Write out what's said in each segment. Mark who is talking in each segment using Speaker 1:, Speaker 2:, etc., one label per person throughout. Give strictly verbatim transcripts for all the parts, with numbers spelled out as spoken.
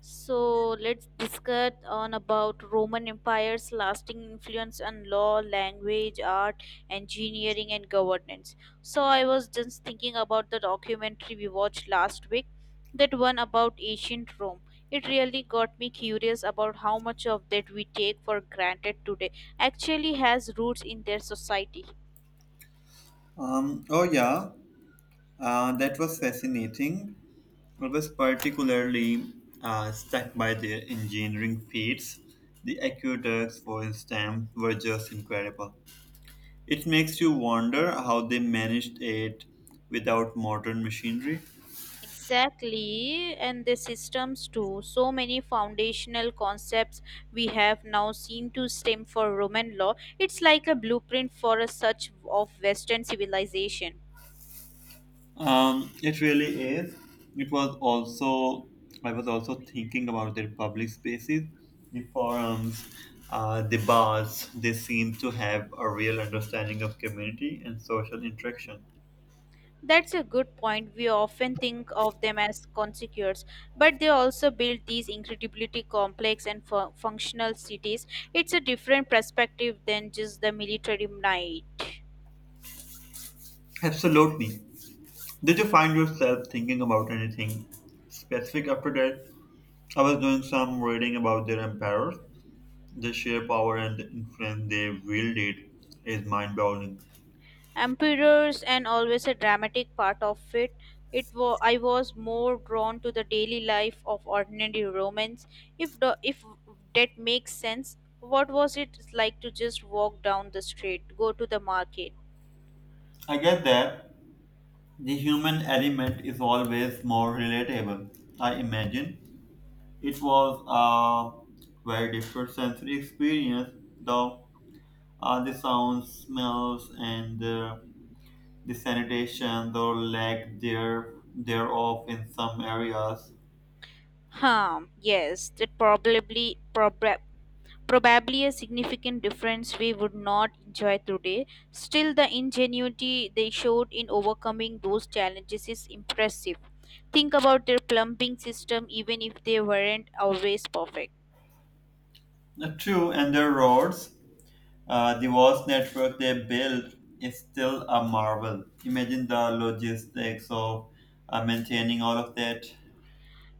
Speaker 1: So let's discuss on about Roman Empire's lasting influence on law, language, art, engineering, and governance. So I was just thinking about the documentary we watched last week, that one about ancient Rome. It really got me curious about how much of that we take for granted today actually has roots in their society.
Speaker 2: Um, oh yeah, uh, that was fascinating. I was particularly uh, struck by their engineering feats. The aqueducts, for instance, were just incredible. It makes you wonder how they managed it without modern machinery.
Speaker 1: Exactly, and the systems too. So many foundational concepts we have now seen to stem from Roman law. It's like a blueprint for a such of Western civilization.
Speaker 2: Um, it really is. It was also, I was also thinking about their public spaces, the forums, uh, the bars. They seem to have a real understanding of community and social interaction.
Speaker 1: That's a good point. We often think of them as conspicuous, but they also built these incredibly complex and fu- functional cities. It's a different perspective than just the military might.
Speaker 2: Absolutely. Did you find yourself thinking about anything specific after that? I was doing some reading about their emperors. The sheer power and the influence they wielded is mind-boggling.
Speaker 1: Emperors and always a dramatic part of it. It wa- i was more drawn to the daily life of ordinary Romans, if the if that makes sense. What was it like to just walk down the street, go to the market?
Speaker 2: I get that. The human element is always more relatable. I imagine it was a very different sensory experience, though, uh, the sounds, smells, and uh, the sanitation, though lack there thereof in some areas.
Speaker 1: Huh, yes, that probably proba- probably a significant difference we would not enjoy today. Still, the ingenuity they showed in overcoming those challenges is impressive. Think about their plumbing system, even if they weren't always perfect.
Speaker 2: Uh, True, and the roads, uh, the vast network they built is still a marvel. Imagine the logistics of uh, maintaining all of that.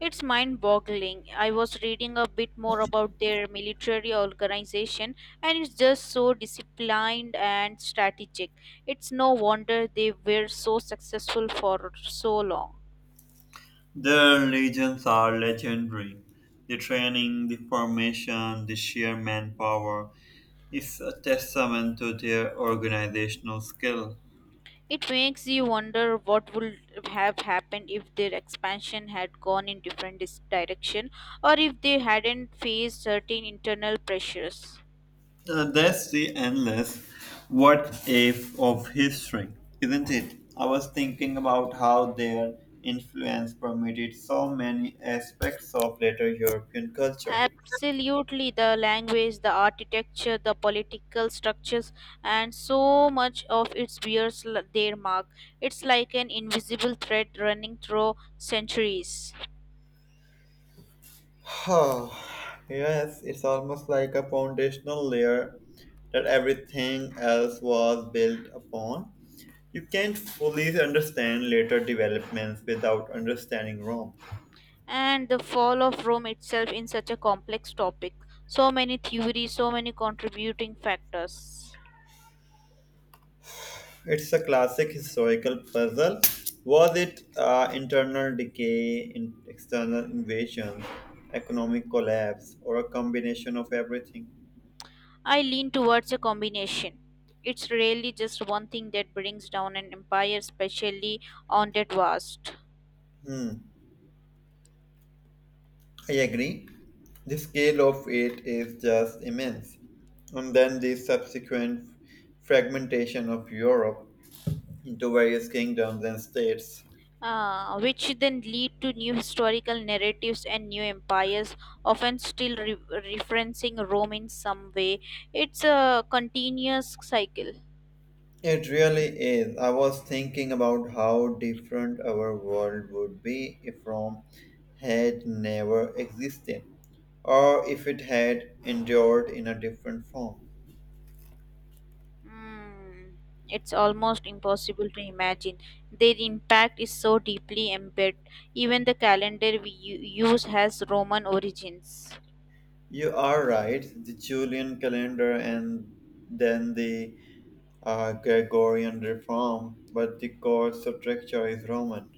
Speaker 1: It's mind boggling. I was reading a bit more about their military organization, and it's just so disciplined and strategic. It's no wonder they were so successful for so long.
Speaker 2: Their legions are legendary. The training, the formation, the sheer manpower is a testament to their organizational skill.
Speaker 1: It makes you wonder what would have happened if their expansion had gone in different dis- direction, or if they hadn't faced certain internal pressures.
Speaker 2: Uh, that's the endless what if of history, isn't it? I was thinking about how their influence permeated so many aspects of later European culture.
Speaker 1: Absolutely, the language, the architecture, the political structures, and so much of it bears l- their mark. It's like an invisible thread running through centuries.
Speaker 2: Oh yes, it's almost like a foundational layer that everything else was built upon. You can't fully understand later developments without understanding Rome.
Speaker 1: And the fall of Rome itself in such a complex topic. So many theories, so many contributing factors.
Speaker 2: It's a classic historical puzzle. Was it uh, internal decay, in external invasion, economic collapse, or a combination of everything?
Speaker 1: I lean towards a combination. It's really just one thing that brings down an empire, especially on that vast,
Speaker 2: Hmm. I agree. The scale of it is just immense. And then the subsequent fragmentation of Europe into various kingdoms and states.
Speaker 1: uh, which then lead to new historical narratives and new empires, often still re- referencing Rome in some way. It's a continuous cycle.
Speaker 2: It really is. I was thinking about how different our world would be if Rome had never existed, or if it had endured in a different form.
Speaker 1: Mm, it's almost impossible to imagine. Their impact is so deeply embedded. Even the calendar we u- use has Roman origins.
Speaker 2: You are right, the Julian calendar and then the uh, Gregorian reform, but the core structure is Roman.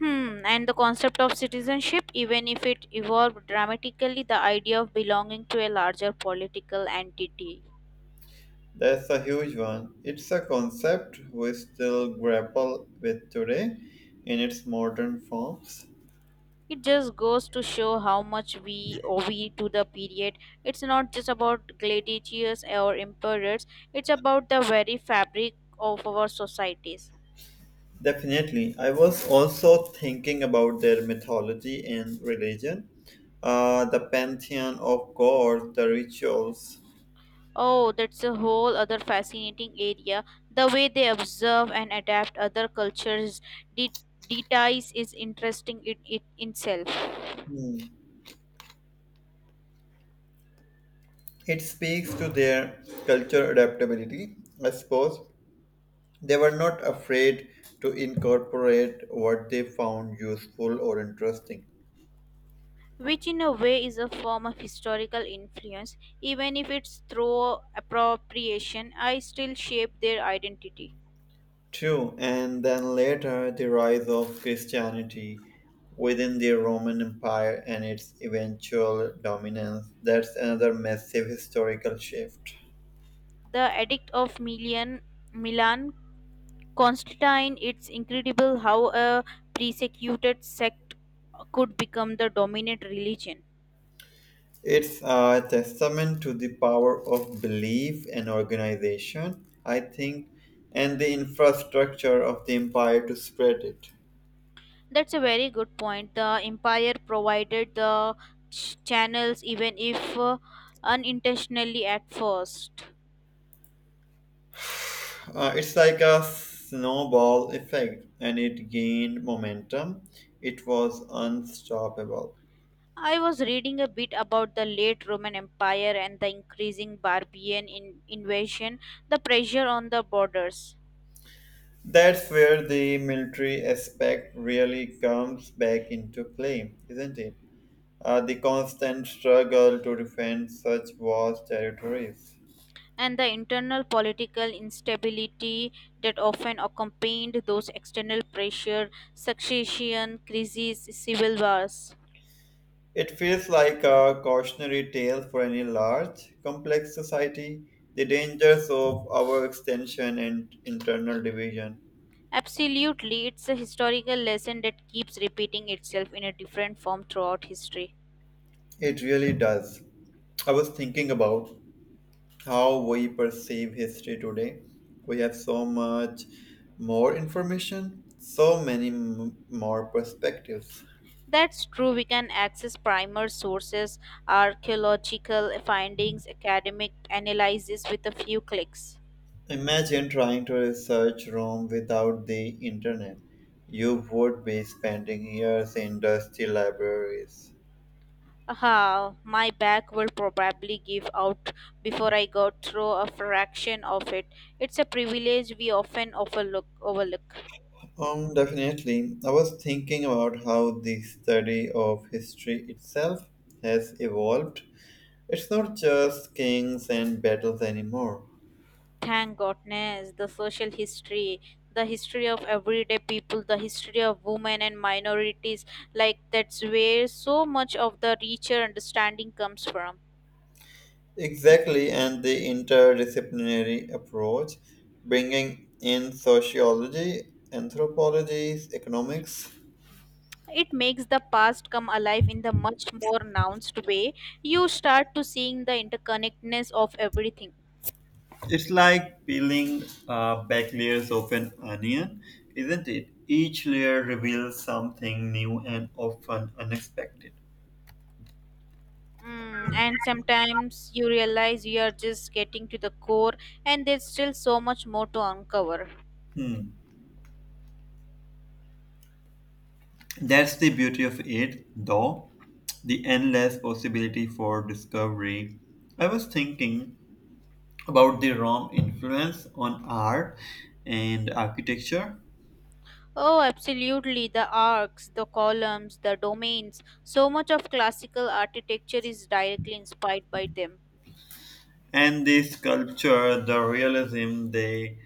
Speaker 1: Hmm, and the concept of citizenship, even if it evolved dramatically, the idea of belonging to a larger political entity.
Speaker 2: That's a huge one. It's a concept we still grapple with today in its modern forms.
Speaker 1: It just goes to show how much we owe we to the period. It's not just about gladiators or emperors, it's about the very fabric of our societies.
Speaker 2: Definitely. I was also thinking about their mythology and religion, uh, the pantheon of gods, the rituals.
Speaker 1: Oh, that's a whole other fascinating area. The way they observe and adapt other cultures' de- details is interesting in it itself.
Speaker 2: Hmm. It speaks to their culture adaptability, I suppose. They were not afraid to incorporate what they found useful or interesting.
Speaker 1: Which in a way is a form of historical influence. Even if it's through appropriation, I still shape their identity.
Speaker 2: True, and then later the rise of Christianity within the Roman Empire and its eventual dominance. That's another massive historical shift.
Speaker 1: The Edict of Milan, Milan, Constantine. It's incredible how a persecuted sect could become the dominant religion.
Speaker 2: It's a testament to the power of belief and organization, I think, and the infrastructure of the empire to spread it.
Speaker 1: That's a very good point. The empire provided the ch- channels, even if uh, unintentionally at first.
Speaker 2: Uh, it's like a snowball effect, and it gained momentum. It was unstoppable.
Speaker 1: I was reading a bit about the late Roman Empire and the increasing barbarian in- invasion, the pressure on the borders,
Speaker 2: That's where the military aspect really comes back into play, isn't it? Uh, the constant struggle to defend such vast territories.
Speaker 1: and the internal political instability that often accompanied those external pressure, succession, crises, civil wars.
Speaker 2: It feels like a cautionary tale for any large, complex society, the dangers of our extension and internal division.
Speaker 1: Absolutely, it's a historical lesson that keeps repeating itself in a different form throughout history.
Speaker 2: It really does. I was thinking about how we perceive history today. We have so much more information, so many m- more perspectives.
Speaker 1: That's true. We can access primary sources, archaeological findings, academic analysis with a few clicks.
Speaker 2: Imagine trying to research Rome without the internet. You would be spending years in dusty libraries.
Speaker 1: Ah, my back will probably give out before I got through a fraction of it. It's a privilege we often overlook. overlook.
Speaker 2: Um, definitely. I was thinking about how the study of history itself has evolved. It's not just kings and battles anymore.
Speaker 1: Thank goodness, the social history, the history of everyday people, the history of women and minorities, like that's where so much of the richer understanding comes from.
Speaker 2: Exactly, and the interdisciplinary approach, bringing in sociology, anthropology, economics.
Speaker 1: It makes the past come alive in the much more nuanced way. You start to seeing the interconnectedness of everything.
Speaker 2: It's like peeling uh, back layers of an onion, isn't it? Each layer reveals something new and often unexpected.
Speaker 1: Mm, and sometimes you realize you are just getting to the core, and there's still so much more to uncover.
Speaker 2: Hmm. That's the beauty of it, though, the endless possibility for discovery. I was thinking about the Rome influence on art and architecture.
Speaker 1: Oh absolutely, the arcs, the columns, the domains, so much of classical architecture is directly inspired by them.
Speaker 2: And the sculpture, the realism they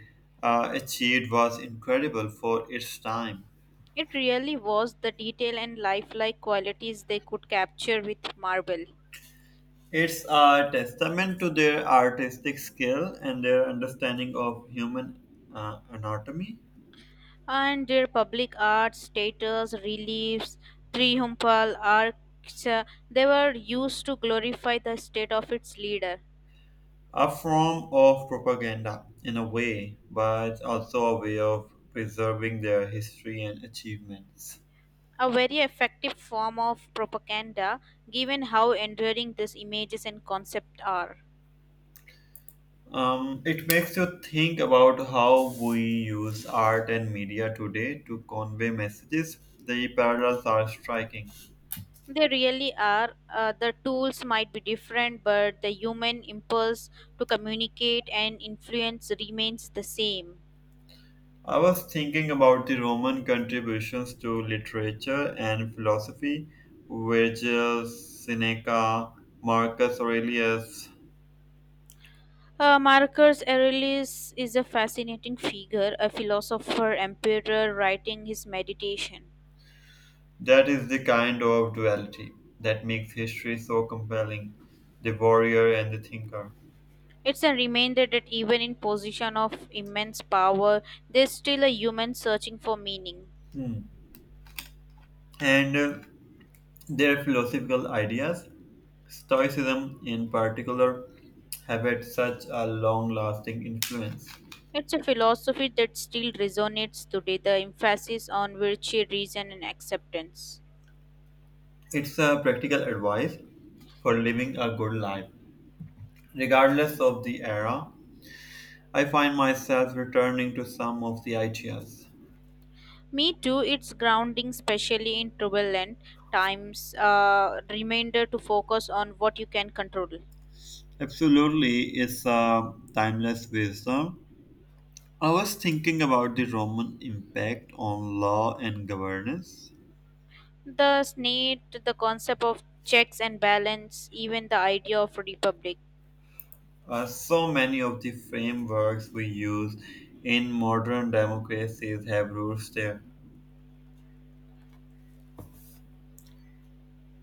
Speaker 2: uh, achieved was incredible for its time.
Speaker 1: It really was, the detail and lifelike qualities they could capture with marble.
Speaker 2: It's a testament to their artistic skill and their understanding of human uh, anatomy,
Speaker 1: And their public art status, reliefs, triumphal arcs, uh, they were used to glorify the state of its leader.
Speaker 2: a form of propaganda in a way, but also a way of preserving their history and achievements.
Speaker 1: A very effective form of propaganda, given how enduring these images and concepts are.
Speaker 2: Um, it makes you think about how we use art and media today to convey messages. The parallels are striking.
Speaker 1: They really are. Uh, the tools might be different, but the human impulse to communicate and influence remains the same.
Speaker 2: I was thinking about the Roman contributions to literature and philosophy, Virgil, Seneca, Marcus Aurelius.
Speaker 1: Uh, Marcus Aurelius is a fascinating figure, a philosopher, emperor writing his meditation.
Speaker 2: That is the kind of duality that makes history so compelling, the warrior and the thinker.
Speaker 1: It's a reminder that even in position of immense power, there's still a human searching for meaning.
Speaker 2: Hmm. And uh, their philosophical ideas, Stoicism, in particular, have had such a long lasting influence.
Speaker 1: It's a philosophy that still resonates today, the emphasis on virtue, reason, and acceptance.
Speaker 2: It's a practical advice for living a good life. Regardless of the era, I find myself returning to some of the ideas.
Speaker 1: Me too, it's grounding, especially in turbulent times, uh, reminder to focus on what you can control.
Speaker 2: Absolutely, it's a timeless wisdom. I was thinking about the Roman impact on law and governance.
Speaker 1: The need, the concept of checks and balance, even the idea of republic.
Speaker 2: Uh, so many of the frameworks we use in modern democracies have roots there.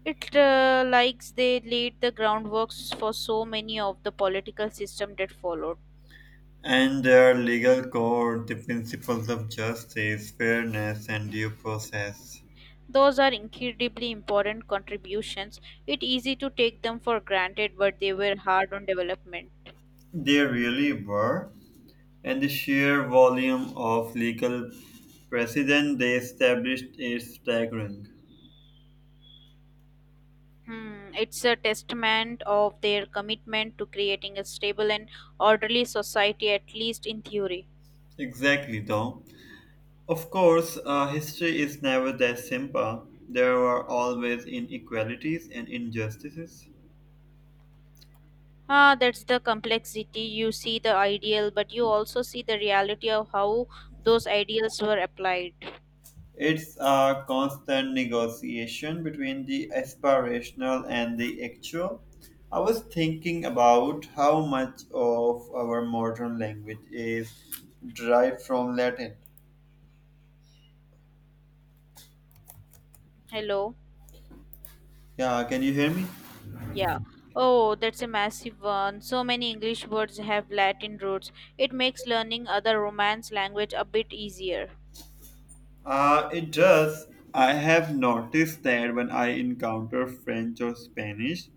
Speaker 1: It uh, likes they laid the groundworks for so many of the political system that followed.
Speaker 2: And their legal code, the principles of justice, fairness, and due process.
Speaker 1: Those are incredibly important contributions. It's easy to take them for granted, but they were hard on development.
Speaker 2: They really were. And the sheer volume of legal precedent they established is staggering.
Speaker 1: Hmm, it's a testament of their commitment to creating a stable and orderly society, at least in theory.
Speaker 2: Exactly, though. Of course, uh, history is never that simple. There were always inequalities and injustices.
Speaker 1: Ah, that's the complexity. You see the ideal, but you also see the reality of how those ideals were applied.
Speaker 2: It's a constant negotiation between the aspirational and the actual. I was thinking about how much of our modern language is derived from Latin.
Speaker 1: Hello?
Speaker 2: Yeah, can you hear me?
Speaker 1: Yeah. Oh, that's a massive one. So many English words have Latin roots. It makes learning other Romance language a bit easier.
Speaker 2: Uh, it does. I have noticed that when I encounter French or Spanish,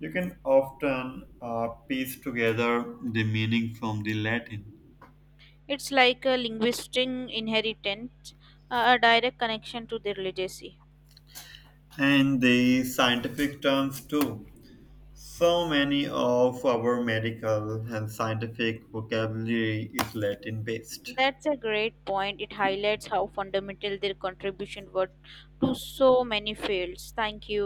Speaker 2: you can often uh, piece together the meaning from the Latin,
Speaker 1: It's like a linguistic inheritance, a a direct connection to their legacy.
Speaker 2: and the scientific terms too. So many of our medical and scientific vocabulary is Latin based.
Speaker 1: That's a great point. It highlights how fundamental their contribution were to so many fields. Thank you.